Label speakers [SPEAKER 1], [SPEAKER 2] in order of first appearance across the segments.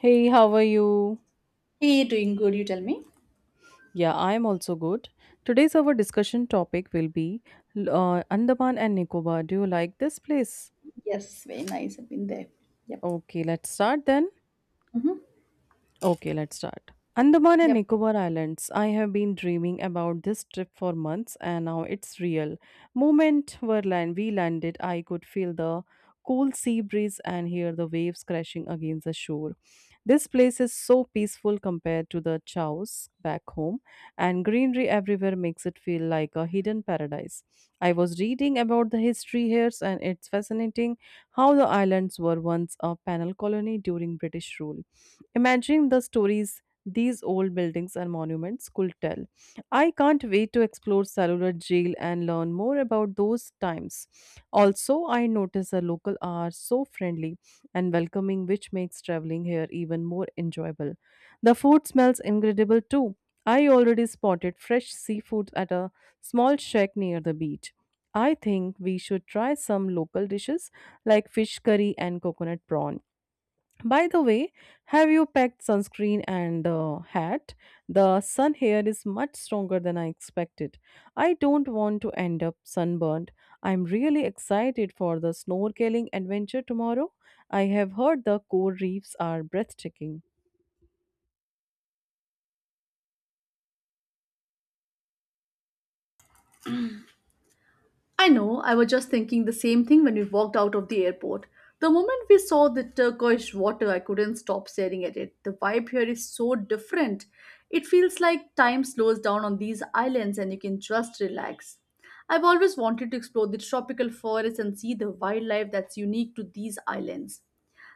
[SPEAKER 1] Hey, how are you?
[SPEAKER 2] Hey, doing good, you tell me?
[SPEAKER 1] Yeah, I am also good. Today's our discussion topic will be Andaman and Nicobar. Do you like this place?
[SPEAKER 2] Yes, very nice. I've been there. Yep.
[SPEAKER 1] Okay, let's start then.
[SPEAKER 2] hmm
[SPEAKER 1] Okay, let's start. Andaman and
[SPEAKER 2] Yep.
[SPEAKER 1] Nicobar Islands. I have been dreaming about this trip for months, and now it's real. Moment where land we landed, I could feel the cool sea breeze and hear the waves crashing against the shore. This place is so peaceful compared to the chows back home, and greenery everywhere makes it feel like a hidden paradise. I was reading about the history here, and it's fascinating how the islands were once a penal colony during British rule. Imagine the stories these old buildings and monuments could tell. I can't wait to explore Cellular Jail and learn more about those times. Also, I noticed the local are so friendly and welcoming, which makes traveling here even more enjoyable. The food smells incredible too. I already spotted fresh seafood at a small shack near the beach. I think we should try some local dishes like fish curry and coconut prawn. By the way, have you packed sunscreen and hat? The sun here is much stronger than I expected. I don't want to end up sunburned. I'm really excited for the snorkeling adventure tomorrow. I have heard the coral reefs are breathtaking.
[SPEAKER 2] I know, I was just thinking the same thing when we walked out of the airport. The moment we saw the turquoise water, I couldn't stop staring at it. The vibe here is so different. It feels like time slows down on these islands and you can just relax. I've always wanted to explore the tropical forests and see the wildlife that's unique to these islands.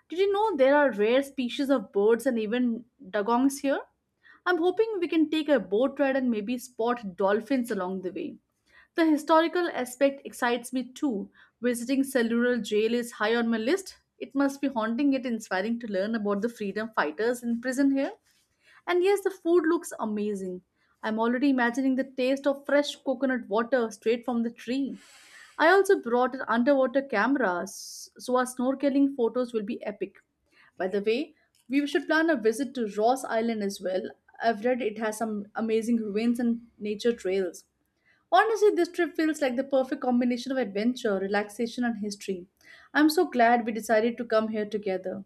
[SPEAKER 2] Did you know there are rare species of birds and even dugongs here? I'm hoping we can take a boat ride and maybe spot dolphins along the way. The historical aspect excites me too. Visiting Cellular Jail is high on my list. It must be haunting yet inspiring to learn about the freedom fighters in prison here. And yes, the food looks amazing. I'm already imagining the taste of fresh coconut water straight from the tree. I also brought an underwater camera, so our snorkeling photos will be epic. By the way, we should plan a visit to Ross Island as well. I've read it has some amazing ruins and nature trails. Honestly, this trip feels like the perfect combination of adventure, relaxation, and history. I'm so glad we decided to come here together.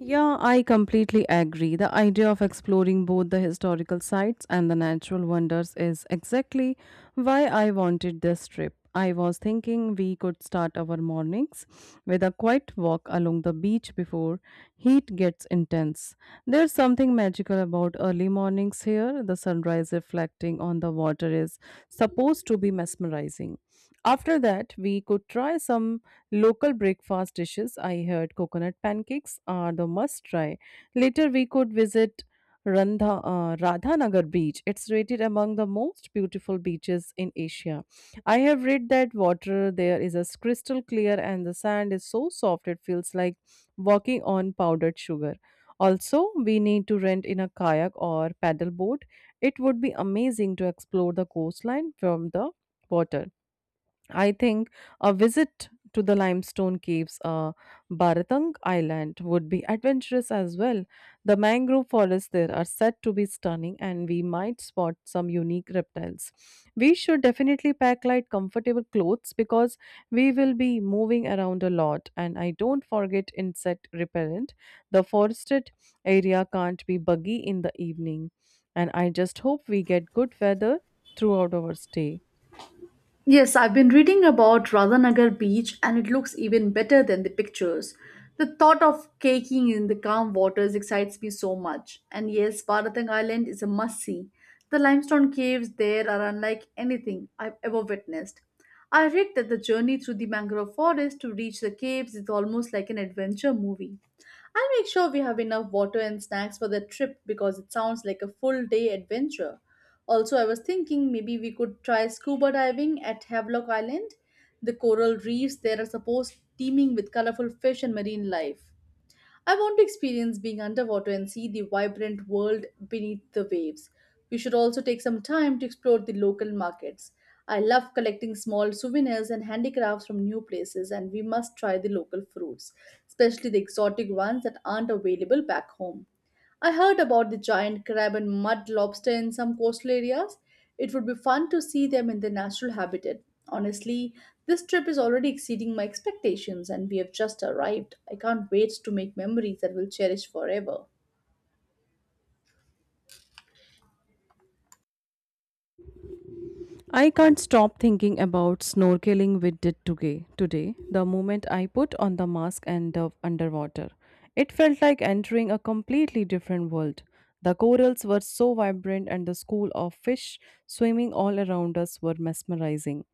[SPEAKER 1] Yeah, I completely agree. The idea of exploring both the historical sites and the natural wonders is exactly why I wanted this trip. I was thinking we could start our mornings with a quiet walk along the beach before heat gets intense. There's something magical about early mornings here. The sunrise reflecting on the water is supposed to be mesmerizing. After that, we could try some local breakfast dishes. I heard coconut pancakes are the must try. Later, we could visit Radhanagar beach. It's rated among the most beautiful beaches in Asia. I have read that water there is as crystal clear and the sand is so soft it feels like walking on powdered sugar. Also, we need to rent in a kayak or paddle boat. It would be amazing to explore the coastline from the water. I think a visit to the limestone caves, Bharatang Island, would be adventurous as well. The mangrove forests there are said to be stunning, and we might spot some unique reptiles. We should definitely pack light, comfortable clothes because we will be moving around a lot. And I don't forget insect repellent. The forested area can't be buggy in the evening. And I just hope we get good weather throughout our stay.
[SPEAKER 2] Yes, I've been reading about Radhanagar beach and it looks even better than the pictures. The thought of caking in the calm waters excites me so much. And yes, Bharatang Island is a must see. The limestone caves there are unlike anything I've ever witnessed. I read that the journey through the mangrove forest to reach the caves is almost like an adventure movie. I'll make sure we have enough water and snacks for the trip because it sounds like a full day adventure. Also, I was thinking maybe we could try scuba diving at Havelock Island. The coral reefs there are supposed teeming with colorful fish and marine life. I want to experience being underwater and see the vibrant world beneath the waves. We should also take some time to explore the local markets. I love collecting small souvenirs and handicrafts from new places, and we must try the local fruits, especially the exotic ones that aren't available back home. I heard about the giant crab and mud lobster in some coastal areas. It would be fun to see them in their natural habitat. Honestly, this trip is already exceeding my expectations and we have just arrived. I can't wait to make memories that we'll cherish forever.
[SPEAKER 1] I can't stop thinking about snorkeling we did today. Today, the moment I put on the mask and dove underwater, it felt like entering a completely different world. The corals were so vibrant, and the school of fish swimming all around us were mesmerizing.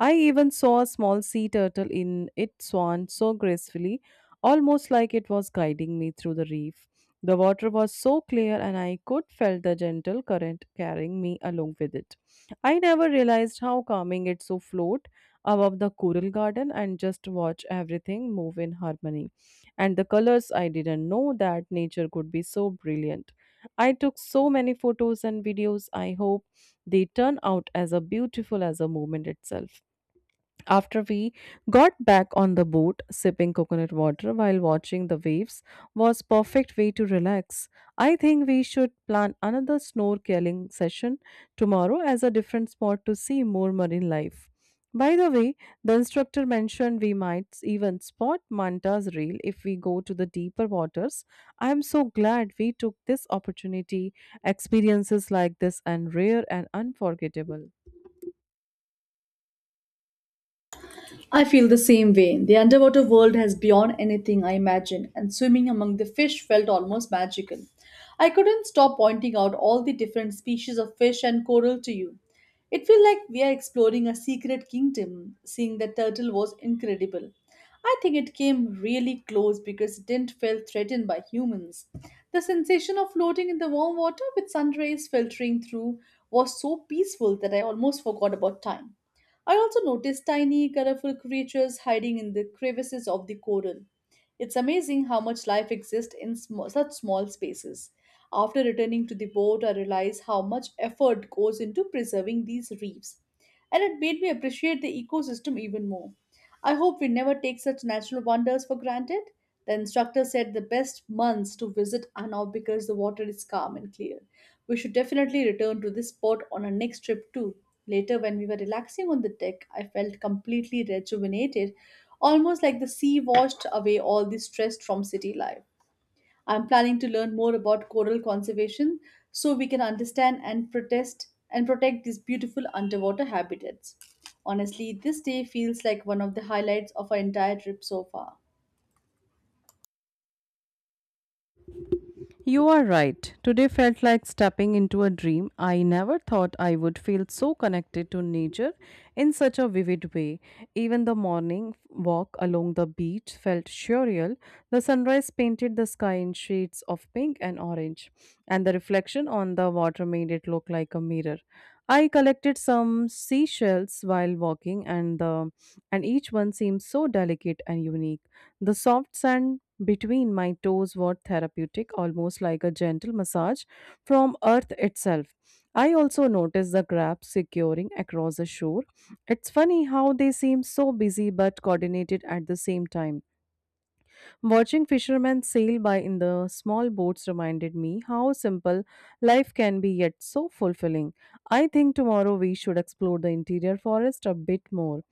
[SPEAKER 1] I even saw a small sea turtle in its swan so gracefully, almost like it was guiding me through the reef. The water was so clear, and I could feel the gentle current carrying me along with it. I never realized how calming it's to float above the coral garden and just watch everything move in harmony. And the colors, I didn't know that nature could be so brilliant. I took so many photos and videos. I hope they turn out as a beautiful as a moment itself. After we got back on the boat, sipping coconut water while watching the waves was perfect way to relax. I think we should plan another snorkeling session tomorrow as a different spot to see more marine life. By the way, the instructor mentioned we might even spot manta's reel if we go to the deeper waters. I am so glad we took this opportunity. Experiences like this are rare and unforgettable.
[SPEAKER 2] I feel the same way. The underwater world has beyond anything I imagined, and swimming among the fish felt almost magical. I couldn't stop pointing out all the different species of fish and coral to you. It felt like we are exploring a secret kingdom. Seeing the turtle was incredible. I think it came really close because it didn't feel threatened by humans. The sensation of floating in the warm water with sun rays filtering through was so peaceful that I almost forgot about time. I also noticed tiny, colorful creatures hiding in the crevices of the coral. It's amazing how much life exists in such small spaces. After returning to the boat, I realized how much effort goes into preserving these reefs, and it made me appreciate the ecosystem even more. I hope we never take such natural wonders for granted. The instructor said the best months to visit are now because the water is calm and clear. We should definitely return to this spot on our next trip too. Later, when we were relaxing on the deck, I felt completely rejuvenated, almost like the sea washed away all the stress from city life. I'm planning to learn more about coral conservation so we can understand and protest and protect these beautiful underwater habitats. Honestly, this day feels like one of the highlights of our entire trip so far.
[SPEAKER 1] You are right. Today felt like stepping into a dream. I never thought I would feel so connected to nature in such a vivid way. Even the morning walk along the beach felt surreal. The sunrise painted the sky in shades of pink and orange, and the reflection on the water made it look like a mirror. I collected some seashells while walking, and the and each one seemed so delicate and unique. The soft sand between my toes were therapeutic, almost like a gentle massage from earth itself. I also noticed the crabs securing across the shore. It's funny how they seem so busy but coordinated at the same time. Watching fishermen sail by in the small boats reminded me how simple life can be yet so fulfilling. I think tomorrow we should explore the interior forest a bit more.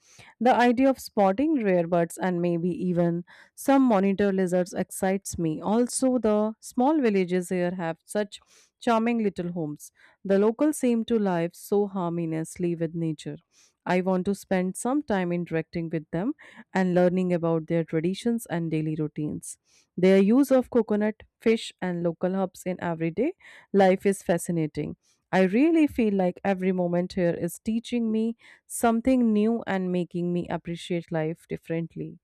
[SPEAKER 1] The idea of spotting rare birds and maybe even some monitor lizards excites me. Also, the small villages here have such charming little homes. The locals seem to live so harmoniously with nature. I want to spend some time interacting with them and learning about their traditions and daily routines. Their use of coconut, fish, and local herbs in everyday life is fascinating. I really feel like every moment here is teaching me something new and making me appreciate life differently.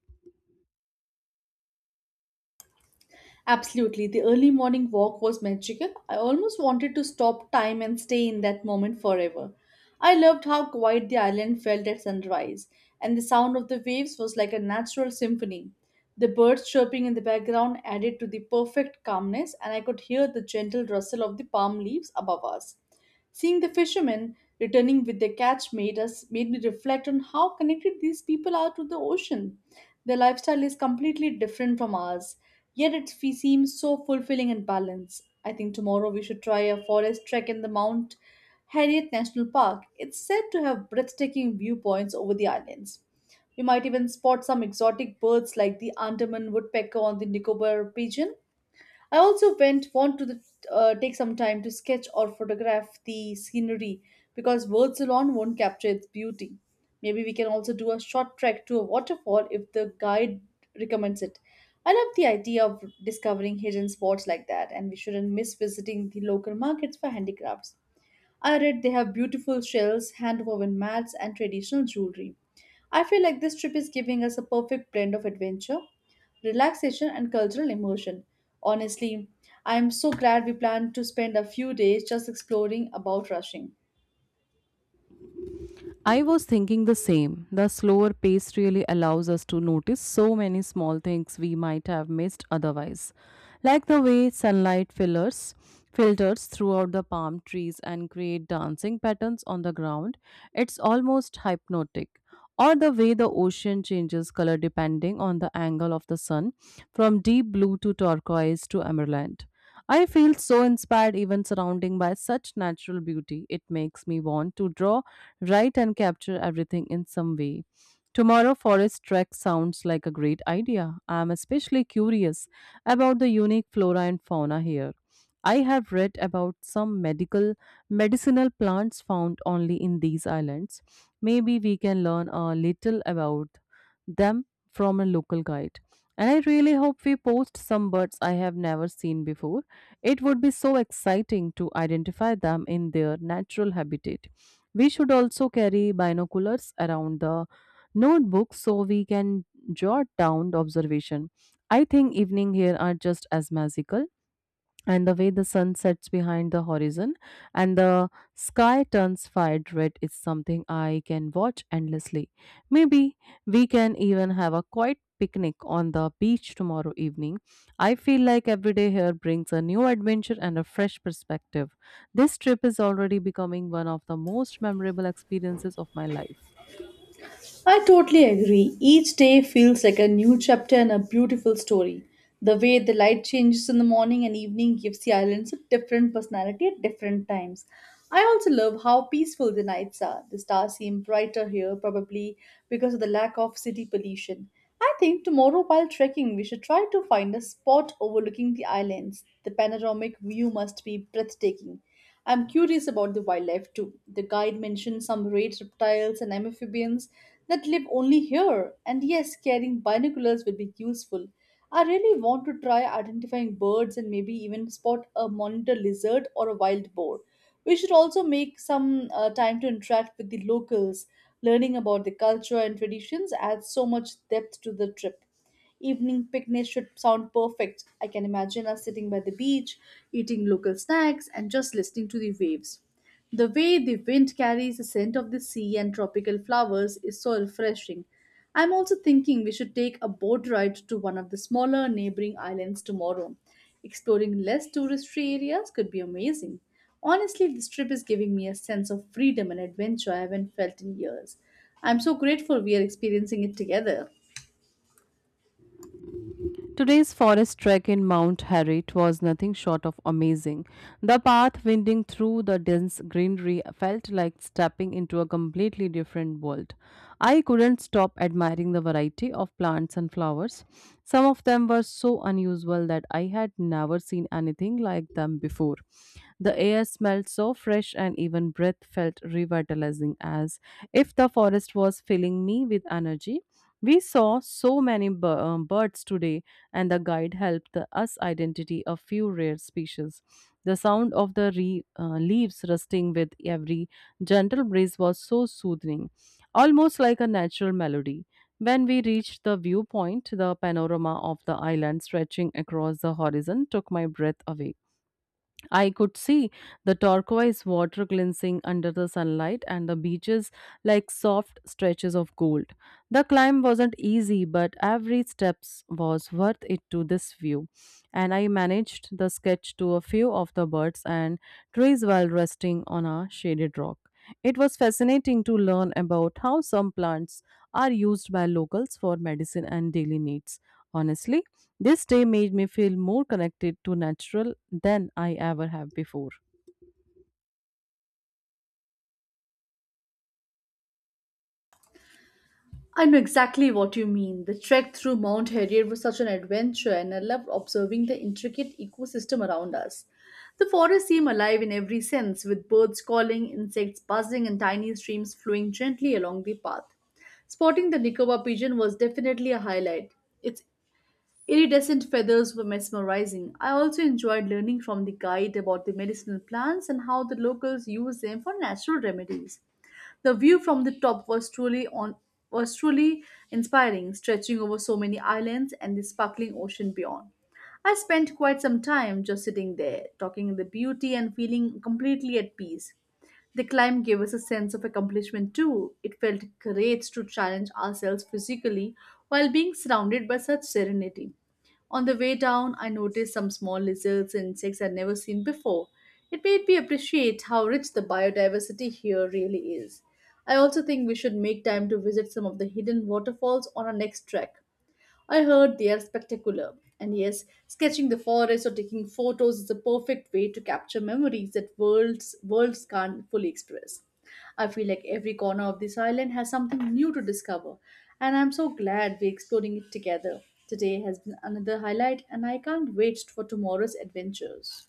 [SPEAKER 2] Absolutely. The early morning walk was magical. I almost wanted to stop time and stay in that moment forever. I loved how quiet the island felt at sunrise, and the sound of the waves was like a natural symphony. The birds chirping in the background added to the perfect calmness, and I could hear the gentle rustle of the palm leaves above us. Seeing the fishermen returning with their catch made me reflect on how connected these people are to the ocean. Their lifestyle is completely different from ours, yet it seems so fulfilling and balanced. I think tomorrow we should try a forest trek in the Mount Harriet National Park. It's said to have breathtaking viewpoints over the islands. We might even spot some exotic birds like the Andaman woodpecker or the Nicobar pigeon. I also went want to the, take some time to sketch or photograph the scenery because words alone won't capture its beauty. Maybe we can also do a short trek to a waterfall if the guide recommends it. I love the idea of discovering hidden spots like that, and we shouldn't miss visiting the local markets for handicrafts. I read they have beautiful shells, hand-woven mats, and traditional jewelry. I feel like this trip is giving us a perfect blend of adventure, relaxation, and cultural immersion. Honestly, I am so glad we planned to spend a few days just exploring about rushing.
[SPEAKER 1] I was thinking the same. The slower pace really allows us to notice so many small things we might have missed otherwise, like the way sunlight fillers filters throughout the palm trees and create dancing patterns on the ground. It's almost hypnotic. Or the way the ocean changes color depending on the angle of the sun, from deep blue to turquoise to emerald. I feel so inspired even surrounding by such natural beauty. It makes me want to draw write and capture everything in some way. Tomorrow forest trek sounds like a great idea. I am especially curious about the unique flora and fauna here. I have read about some medical medicinal plants found only in these islands. Maybe we can learn a little about them from a local guide. And I really hope we post some birds I have never seen before. It would be so exciting to identify them in their natural habitat. We should also carry binoculars around the notebook so we can jot down the observation. I think evening here are just as magical, and the way the sun sets behind the horizon and the sky turns fired red is something I can watch endlessly. Maybe we can even have a quiet picnic on the beach tomorrow evening. I feel like every day here brings a new adventure and a fresh perspective. This trip is already becoming one of the most memorable experiences of my life.
[SPEAKER 2] I totally agree. Each day feels like a new chapter in a beautiful story. The way the light changes in the morning and evening gives the islands a different personality at different times. I also love how peaceful the nights are. The stars seem brighter here, probably because of the lack of city pollution. I think tomorrow, while trekking, we should try to find a spot overlooking the islands. The panoramic view must be breathtaking. I'm curious about the wildlife too. The guide mentioned some rare reptiles and amphibians that live only here. And yes, carrying binoculars will be useful. I really want to try identifying birds and maybe even spot a monitor lizard or a wild boar. We should also make some time to interact with the locals. Learning about the culture and traditions adds so much depth to the trip. Evening picnics should sound perfect. I can imagine us sitting by the beach, eating local snacks, and just listening to the waves. The way the wind carries the scent of the sea and tropical flowers is so refreshing. I'm also thinking we should take a boat ride to one of the smaller neighboring islands tomorrow. Exploring less touristy areas could be amazing. Honestly, this trip is giving me a sense of freedom and adventure I haven't felt in years. I'm so grateful we are experiencing it together.
[SPEAKER 1] Today's forest trek in Mount Harriet was nothing short of amazing. The path winding through the dense greenery felt like stepping into a completely different world. I couldn't stop admiring the variety of plants and flowers. Some of them were so unusual that I had never seen anything like them before. The air smelled so fresh, and even breath felt revitalizing as if the forest was filling me with energy. We saw so many birds today, and the guide helped us identify a few rare species. The sound of the leaves rustling with every gentle breeze was so soothing, almost like a natural melody. When we reached the viewpoint, the panorama of the island stretching across the horizon took my breath away. I could see the turquoise water glinting under the sunlight and the beaches like soft stretches of gold. The climb wasn't easy, but every step was worth it to this view. And I managed the sketch to a few of the birds and trees while resting on a shaded rock. It was fascinating to learn about how some plants are used by locals for medicine and daily needs. Honestly, this day made me feel more connected to natural than I ever have before.
[SPEAKER 2] I know exactly what you mean. The trek through Mount Harrier was such an adventure, and I loved observing the intricate ecosystem around us. The forest seemed alive in every sense, with birds calling, insects buzzing, and tiny streams flowing gently along the path. Spotting the Nicobar pigeon was definitely a highlight. Its iridescent feathers were mesmerizing. I also enjoyed learning from the guide about the medicinal plants and how the locals use them for natural remedies. The view from the top was truly inspiring, stretching over so many islands and the sparkling ocean beyond. I spent quite some time just sitting there, talking the beauty and feeling completely at peace. The climb gave us a sense of accomplishment too. It felt great to challenge ourselves physically while being surrounded by such serenity. On the way down, I noticed some small lizards and insects I'd never seen before. It made me appreciate how rich the biodiversity here really is. I also think we should make time to visit some of the hidden waterfalls on our next trek. I heard they are spectacular. And yes, sketching the forest or taking photos is a perfect way to capture memories that worlds can't fully express. I feel like every corner of this island has something new to discover, and I'm so glad we're exploring it together. Today has been another highlight, and I can't wait for tomorrow's adventures.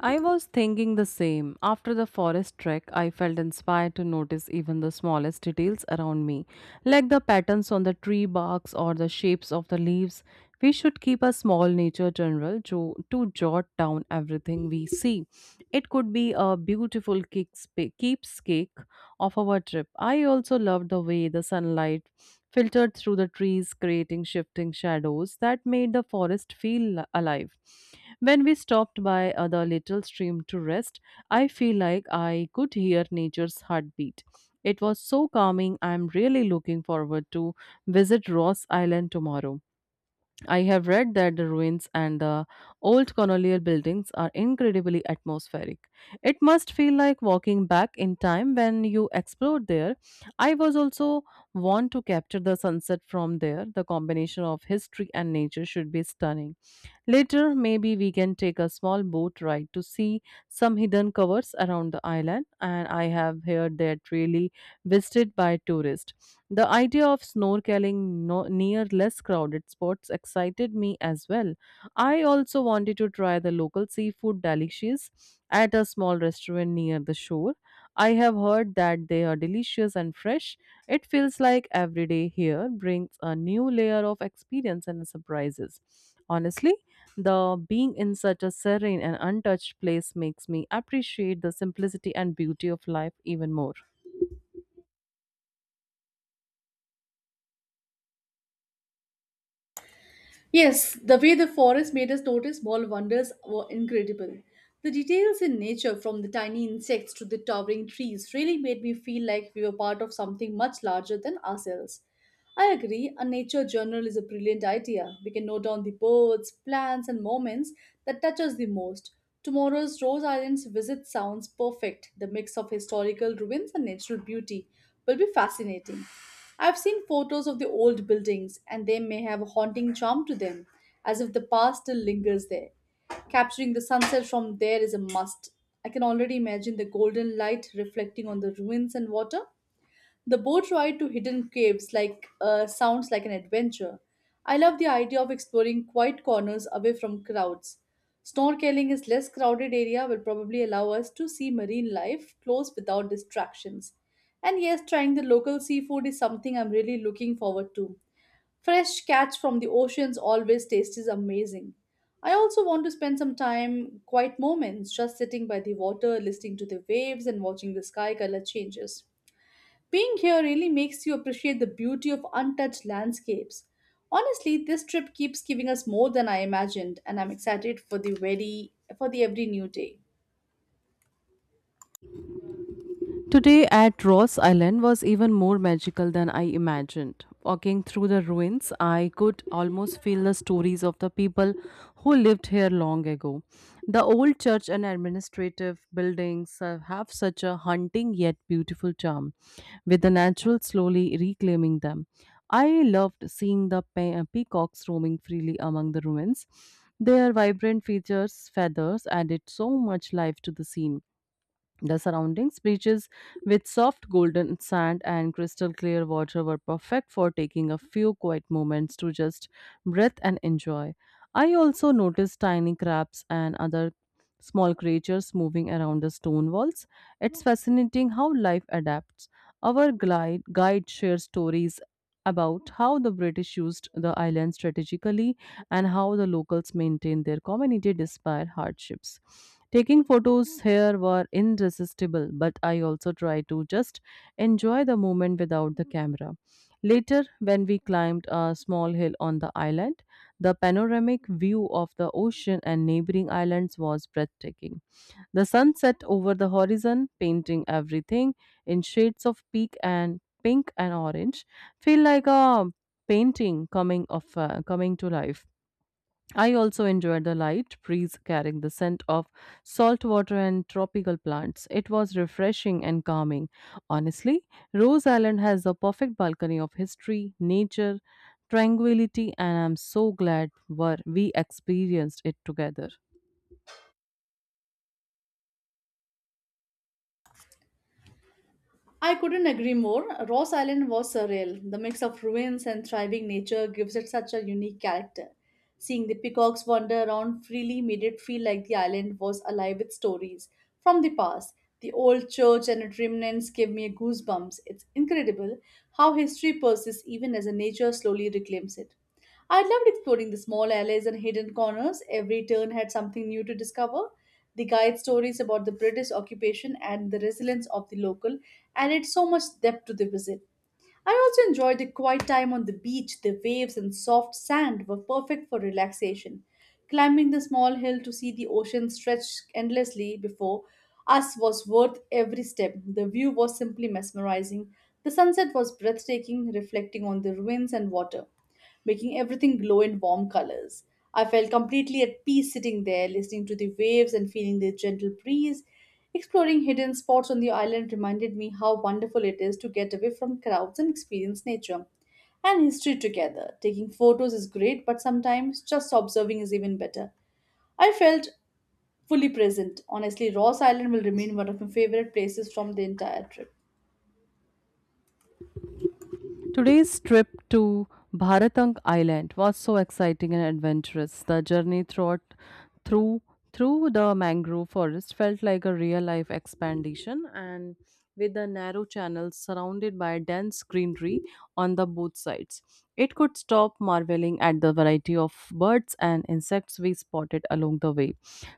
[SPEAKER 1] I was thinking the same. After the forest trek, I felt inspired to notice even the smallest details around me, like the patterns on the tree barks or the shapes of the leaves. We should keep a small nature journal to jot down everything we see. It could be a beautiful keepsake of our trip. I also loved the way the sunlight filtered through the trees, creating shifting shadows that made the forest feel alive. When we stopped by the little stream to rest, I feel like I could hear nature's heartbeat. It was so calming. I'm really looking forward to visit Ross Island tomorrow. I have read that the ruins and the old colonial buildings are incredibly atmospheric. It must feel like walking back in time when you explore there. I was also want to capture the sunset from there. The combination of history and nature should be stunning. Later, maybe we can take a small boat ride to see some hidden covers around the island, and I have heard that really visited by tourists. The idea of snorkeling near less crowded spots excited me as well. I also wanted to try the local seafood delicacies at a small restaurant near the shore. I have heard that they are delicious and fresh. It feels like every day here brings a new layer of experience and surprises. Honestly, the being in such a serene and untouched place makes me appreciate the simplicity and beauty of life even more.
[SPEAKER 2] Yes, the way the forest made us notice small wonders were incredible. The details in nature, from the tiny insects to the towering trees, really made me feel like we were part of something much larger than ourselves. I agree, a nature journal is a brilliant idea. We can note down the birds, plants, and moments that touch us the most. Tomorrow's Rose Island's visit sounds perfect. The mix of historical ruins and natural beauty will be fascinating. I've seen photos of the old buildings, and they may have a haunting charm to them, as if the past still lingers there. Capturing the sunset from there is a must. I can already imagine the golden light reflecting on the ruins and water. The boat ride to hidden caves like sounds like an adventure. I love the idea of exploring quiet corners away from crowds. Snorkeling is less crowded area will probably allow us to see marine life close without distractions. And yes, trying the local seafood is something I'm really looking forward to. Fresh catch from the oceans always tastes amazing. I also want to spend some time, quiet moments, just sitting by the water, listening to the waves and watching the sky color changes. Being here really makes you appreciate the beauty of untouched landscapes. Honestly, this trip keeps giving us more than I imagined, and I'm excited for the very for the every new day.
[SPEAKER 1] Today at Ross Island was even more magical than I imagined. Walking through the ruins, I could almost feel the stories of the people who lived here long ago. The old church and administrative buildings have such a haunting yet beautiful charm, with the natural slowly reclaiming them. I loved seeing the peacocks roaming freely among the ruins. Their vibrant features, feathers added so much life to the scene. The surroundings, beaches with soft golden sand and crystal clear water, were perfect for taking a few quiet moments to just breathe and enjoy. I also noticed tiny crabs and other small creatures moving around the stone walls. It's fascinating how life adapts. Our glide, guide shares stories about how the British used the island strategically and how the locals maintained their community despite hardships. Taking photos here were irresistible, but I also tried to just enjoy the moment without the camera. Later, when we climbed a small hill on the island, the panoramic view of the ocean and neighboring islands was breathtaking. The sun set over the horizon, painting everything in shades of pink and pink and orange, feel like a painting coming to life. I also enjoyed the light breeze carrying the scent of salt water and tropical plants. It was refreshing and calming. Honestly, Rose Island has the perfect balcony of history, nature, tranquility, and I'm so glad we experienced it together.
[SPEAKER 2] I couldn't agree more. Ross Island was surreal. The mix of ruins and thriving nature gives it such a unique character. Seeing the peacocks wander around freely made it feel like the island was alive with stories from the past. The old church and its remnants gave me goosebumps. It's incredible how history persists even as the nature slowly reclaims it. I loved exploring the small alleys and hidden corners. Every turn had something new to discover. The guide stories about the British occupation and the resilience of the local added so much depth to the visit. I also enjoyed the quiet time on the beach. The waves and soft sand were perfect for relaxation. Climbing the small hill to see the ocean stretch endlessly before us was worth every step. The view was simply mesmerizing. The sunset was breathtaking, reflecting on the ruins and water making everything glow in warm colors. I felt completely at peace sitting there, listening to the waves and feeling the gentle breeze. Exploring hidden spots on the island reminded me how wonderful it is to get away from crowds and experience nature and history together. Taking photos is great, but sometimes just observing is even better. I felt fully present. Honestly, Ross Island will remain one of my favorite places from the entire trip.
[SPEAKER 1] Today's trip to Bharatang Island was so exciting and adventurous. The journey throughout, through through the mangrove forest felt like a real life expedition and with the narrow channels surrounded by dense greenery on the both sides. It could stop marveling at the variety of birds and insects we spotted along the way.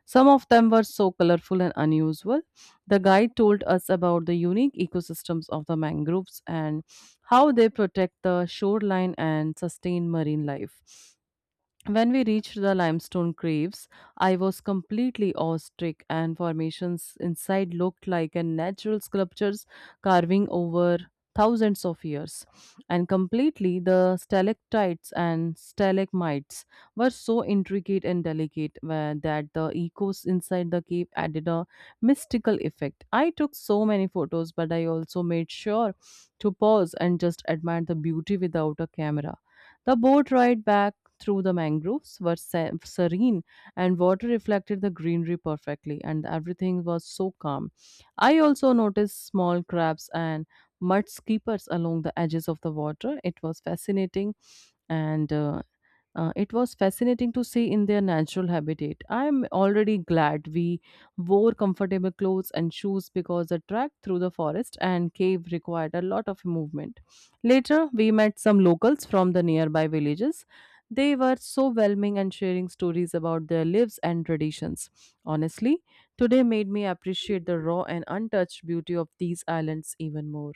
[SPEAKER 1] Some of them were so colorful and unusual. The guide told us about the unique ecosystems of the mangroves and how they protect the shoreline and sustain marine life. When we reached the limestone caves, I was completely awestruck, and formations inside looked like a natural sculptures carving over thousands of years. And completely, the stalactites and stalagmites were so intricate and delicate where, that the echoes inside the cave added a mystical effect. I took so many photos, but I also made sure to pause and just admire the beauty without a camera. The boat ride back through the mangroves were serene, and water reflected the greenery perfectly, and everything was so calm. I also noticed small crabs and mud skippers along the edges of the water. It was fascinating and it was fascinating to see in their natural habitat. I am already glad we wore comfortable clothes and shoes because the trek through the forest and cave required a lot of movement. Later, we met some locals from the nearby villages. They were so welcoming and sharing stories about their lives and traditions. Honestly, today made me appreciate the raw and untouched beauty of these islands even more.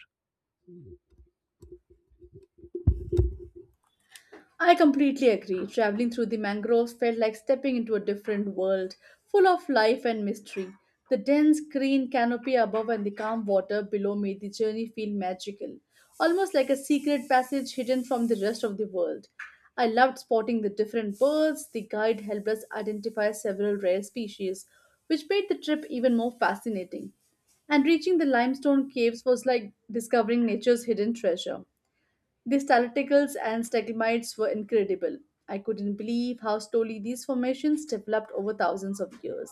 [SPEAKER 2] I completely agree. Traveling through the mangroves felt like stepping into a different world, full of life and mystery. The dense green canopy above and the calm water below made the journey feel magical, almost like a secret passage hidden from the rest of the world. I loved spotting the different birds. The guide helped us identify several rare species, which made the trip even more fascinating, and reaching the limestone caves was like discovering nature's hidden treasure. The stalactites and stalagmites were incredible. I couldn't believe how slowly these formations developed over thousands of years.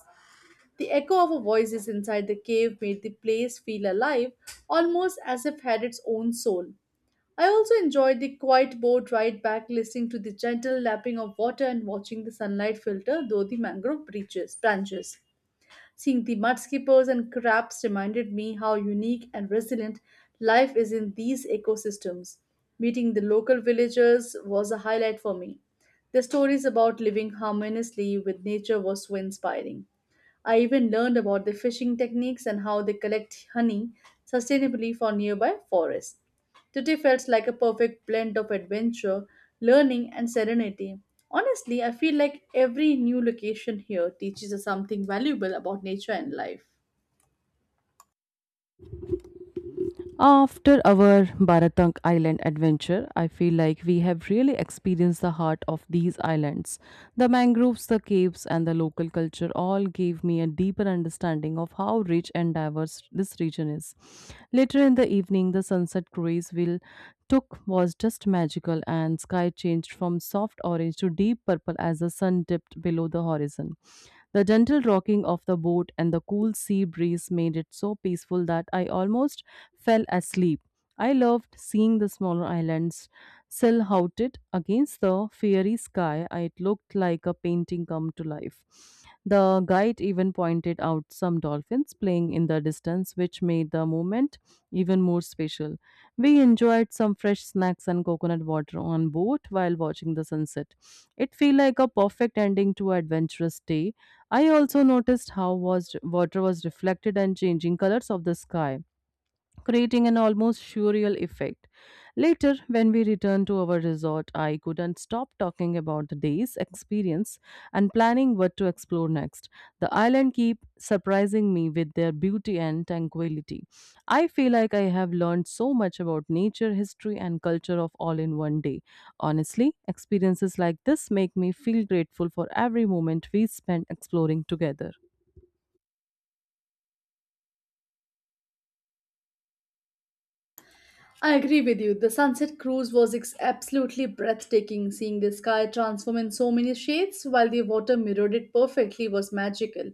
[SPEAKER 2] The echo of our voices inside the cave made the place feel alive, almost as if it had its own soul. I also enjoyed the quiet boat ride back, listening to the gentle lapping of water and watching the sunlight filter through the branches. Seeing the mudskippers and crabs reminded me how unique and resilient life is in these ecosystems. Meeting the local villagers was a highlight for me. Their stories about living harmoniously with nature was so inspiring. I even learned about their fishing techniques and how they collect honey sustainably for nearby forests. Today felt like a perfect blend of adventure, learning, and serenity. Honestly, I feel like every new location here teaches us something valuable about nature and life.
[SPEAKER 1] After our Baratunk Island adventure, I feel like we have really experienced the heart of these islands. The mangroves, the caves, and the local culture all gave me a deeper understanding of how rich and diverse this region is. Later in the evening, the sunset cruise will took was just magical and sky changed from soft orange to deep purple as the sun dipped below the horizon. The gentle rocking of the boat and the cool sea breeze made it so peaceful that I almost fell asleep. I loved seeing the smaller islands silhouetted against the fiery sky. It looked like a painting come to life. The guide even pointed out some dolphins playing in the distance, which made the moment even more special. We enjoyed some fresh snacks and coconut water on board while watching the sunset. It felt like a perfect ending to an adventurous day. I also noticed how was water was reflected and changing colors of the sky, creating an almost surreal effect. Later, when we returned to our resort, I couldn't stop talking about the day's experience and planning what to explore next. The island keep surprising me with their beauty and tranquility. I feel like I have learned so much about nature, history, and culture of all in one day. Honestly, experiences like this make me feel grateful for every moment we spend exploring together.
[SPEAKER 2] I agree with you. The sunset cruise was absolutely breathtaking. Seeing the sky transform in so many shades while the water mirrored it perfectly was magical.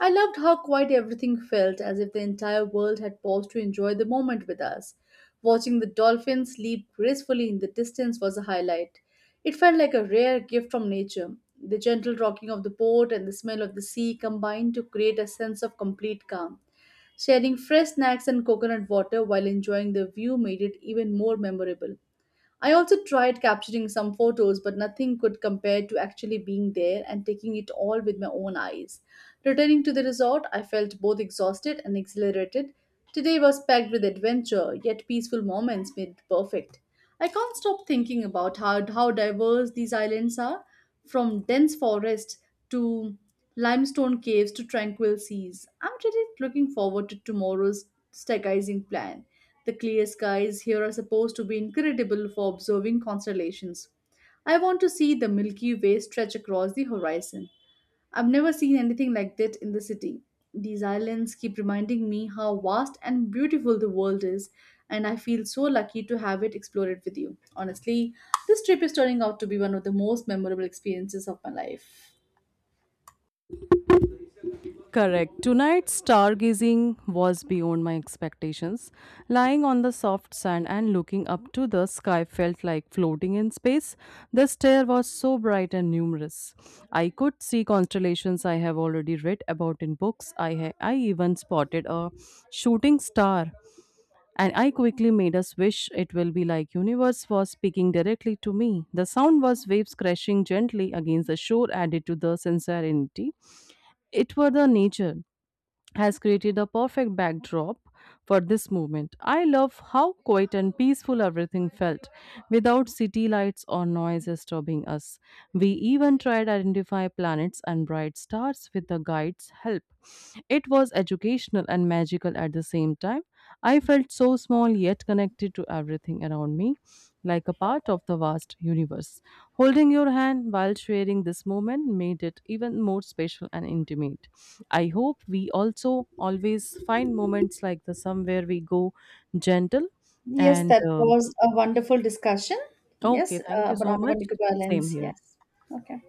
[SPEAKER 2] I loved how quiet everything felt, as if the entire world had paused to enjoy the moment with us. Watching the dolphins leap gracefully in the distance was a highlight. It felt like a rare gift from nature. The gentle rocking of the boat and the smell of the sea combined to create a sense of complete calm. Sharing fresh snacks and coconut water while enjoying the view made it even more memorable. I also tried capturing some photos, but nothing could compare to actually being there and taking it all with my own eyes. Returning to the resort, I felt both exhausted and exhilarated. Today was packed with adventure, yet peaceful moments made it perfect. I can't stop thinking about how diverse these islands are, from dense forests to limestone caves to tranquil seas. I'm really looking forward to tomorrow's stargazing plan. The clear skies here are supposed to be incredible for observing constellations. I want to see the Milky Way stretch across the horizon. I've never seen anything like that in the city. These islands keep reminding me how vast and beautiful the world is, and I feel so lucky to have it explored with you. Honestly, this trip is turning out to be one of the most memorable experiences of my life.
[SPEAKER 1] Correct. Tonight's stargazing was beyond my expectations. Lying on the soft sand and looking up to the sky felt like floating in space. The stare was so bright and numerous. I could see constellations I have already read about in books. I even spotted a shooting star. And I quickly made a wish it will be like universe was speaking directly to me. The sound was waves crashing gently against the shore added to the sincerity. It were the nature has created a perfect backdrop for this movement. I love how quiet and peaceful everything felt, without city lights or noise disturbing us. We even tried identify planets and bright stars with the guide's help. It was educational and magical at the same time. I felt so small yet connected to everything around me like a part of the vast universe. Holding your hand while sharing this moment made it even more special and intimate. I hope we also always find moments like the somewhere we go gentle
[SPEAKER 2] Yes,
[SPEAKER 1] and
[SPEAKER 2] that was a wonderful discussion.
[SPEAKER 1] okay,
[SPEAKER 2] Yes,
[SPEAKER 1] thank you
[SPEAKER 2] but
[SPEAKER 1] so
[SPEAKER 2] on
[SPEAKER 1] much.
[SPEAKER 2] a
[SPEAKER 1] Same
[SPEAKER 2] balance.
[SPEAKER 1] here.
[SPEAKER 2] Yes. Okay.